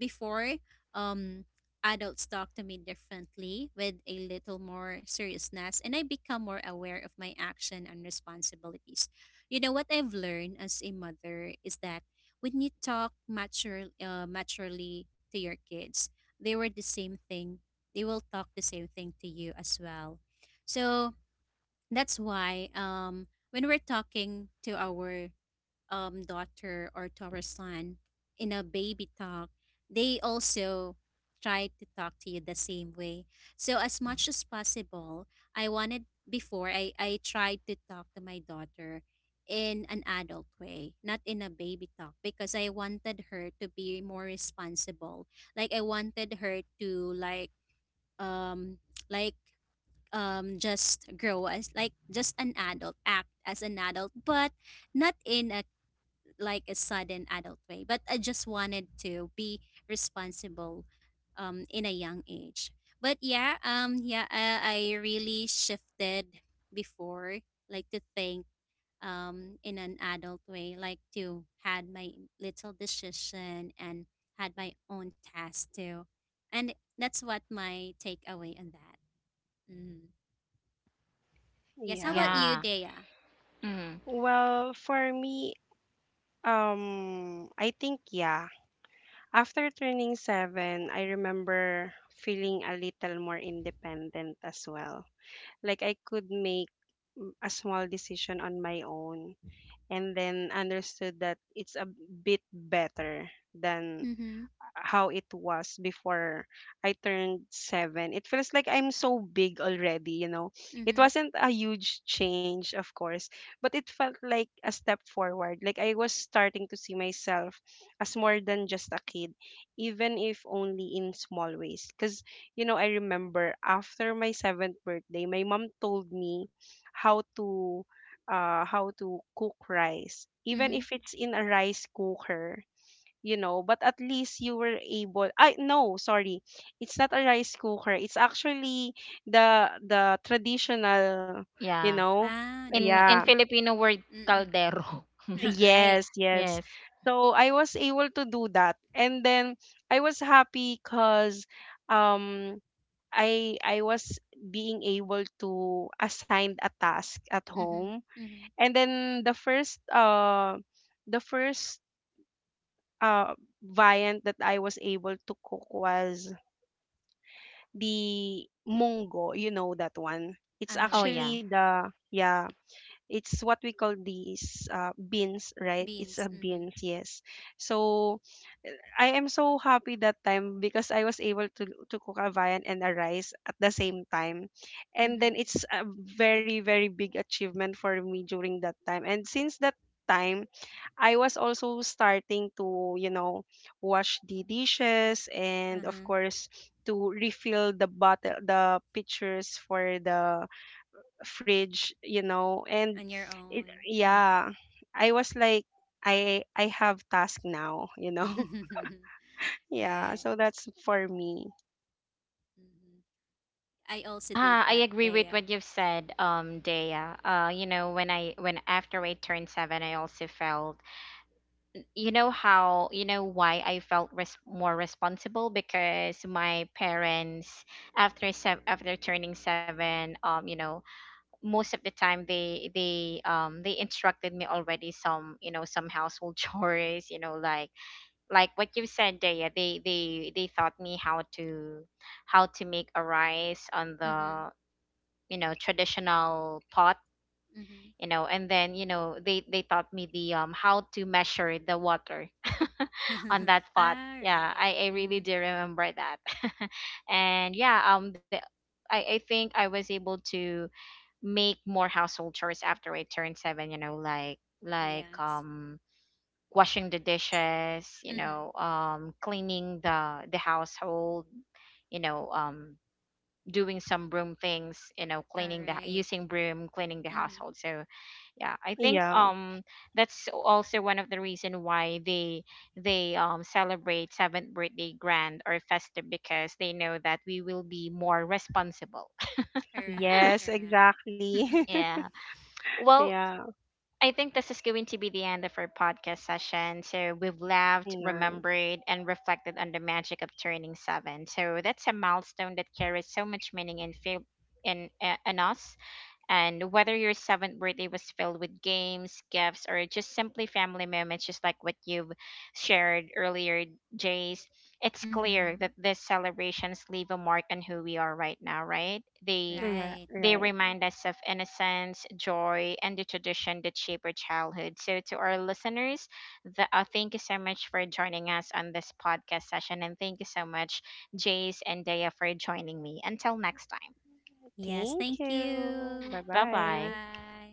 B: before, um adults talk to me differently, with a little more seriousness, and I become more aware of my action and responsibilities. You know what I've learned as a mother is that when you talk maturely to your kids, they were the same thing. They will talk the same thing to you as well. So that's why, when we're talking to our daughter or to our son in a baby talk, they also try to talk to you the same way. So as much as possible, I wanted before I tried to talk to my daughter in an adult way, not in a baby talk, because I wanted her to be more responsible. Like I wanted her to, like, um like, just grow as, like, just an adult, act as an adult, but not in a, like, a sudden adult way, but I just wanted to be responsible in a young age. But yeah, yeah, I really shifted before, like, to think, in an adult way, like to had my little decision and had my own task too. And that's what my takeaway on that. Mm. Yes, how about
C: Yeah.
B: you,
A: yeah.
B: Dea?
A: Mm,
C: well, for me, I think, yeah, after turning seven, I remember feeling a little more independent as well. Like I could make a small decision on my own, and then understood that it's a bit better than
B: Mm-hmm.
C: how it was before I turned seven. It feels like I'm so big already, you know. It
B: Mm-hmm.
C: wasn't a huge change, of course, but it felt like a step forward. Like I was starting to see myself as more than just a kid, even if only in small ways. Because, you know, I remember after my seventh birthday, my mom told me how to how to cook rice, even
B: Mm-hmm.
C: if it's in a rice cooker. You know, but at least you were able I No, sorry, it's not a rice cooker. It's actually the traditional, you
A: yeah.
C: know.
B: Ah, the
A: in
C: Yeah.
B: pot.
A: in Filipino word
B: Mm-mm.
A: caldero.
B: Right.
C: Yes, yes.
A: Yes.
C: So I was able to do that, and then I was happy, cuz um I was being able to assign a task at
B: Mm-hmm.
C: home.
B: Mm-hmm.
C: And then the first uh variant that I was able to cook was the mongo, you know, that one.
B: All
C: It's
A: Oh
B: right.
A: yeah.
C: actually the, yeah, it's what we call these, beans, right? It's
B: Beans.
C: a
B: Mm-hmm.
C: beans, yes. So I am so happy that time because I was able to cook a viand and a rice at the same time, and then
B: Mm-hmm.
C: it's a very, very big achievement for me during that time. And since that time, I was also starting to, you know, wash the dishes, and of
B: Uh-huh.
C: course to refill the bottle the pitchers for the fridge, you know. And
B: On your
C: it,
B: own. Mm-hmm.
C: yeah, I was like, I have task now, you know.
B: Right.
C: Yeah, so that's for me.
B: Mm-hmm. I also did
A: Ah, I
B: that,
A: agree
B: Dea.
A: with what you've said, Dea. You know, when I when after I turned seven, I also felt, you know how, you know why I felt res more responsible, because my parents after seven, after turning seven, you know, most of the time they instructed me already some, you know, some household chores, you know, like what you've said, Dea. They taught me how to make a rice on
B: Mm-hmm.
A: the, you know, traditional pot. You know, and then you know they taught me the how to measure the water.
B: Mm-hmm.
A: On that pot.
B: All
A: Yeah,
B: right.
A: I
B: Mm.
A: really do remember that. And yeah, the I think I was able to make more household chores after I turned seven, you know, like
B: Yes.
A: washing the dishes, you
B: Mm-hmm.
A: know, cleaning the household, you know, doing some broom things, you know,
B: All
A: cleaning the,
B: right.
A: using broom, cleaning the
B: Mm-hmm.
A: household. So yeah, I think
C: Yeah.
A: that's also one of the reason why they celebrate seventh birthday grand or festive, because they know that we will be more responsible.
B: Correct.
C: Yes, exactly.
B: Correct.
A: Yeah. Well,
C: Yeah.
A: I think this is going to be the end of our podcast session. So we've laughed,
C: Nice.
A: remembered, and reflected on the magic of turning seven. So that's a milestone that carries so much meaning and feel in us. And whether your seventh birthday was filled with games, gifts, or just simply family moments, just like what you've shared earlier, Jace, it's clear
B: Mm-hmm.
A: that these celebrations leave a mark on who we are right now, right?
C: Yeah,
B: Right.
A: They
C: right.
A: remind us of innocence, joy, and the tradition that shape our childhood. So, to our listeners, thank you so much for joining us on this podcast session. And thank you so much, Jace and Daya, for joining me. Until next time,
B: Yes,
C: Thank
B: thank
C: you.
B: you.
A: bye bye.
C: Bye-bye.
B: Goodbye.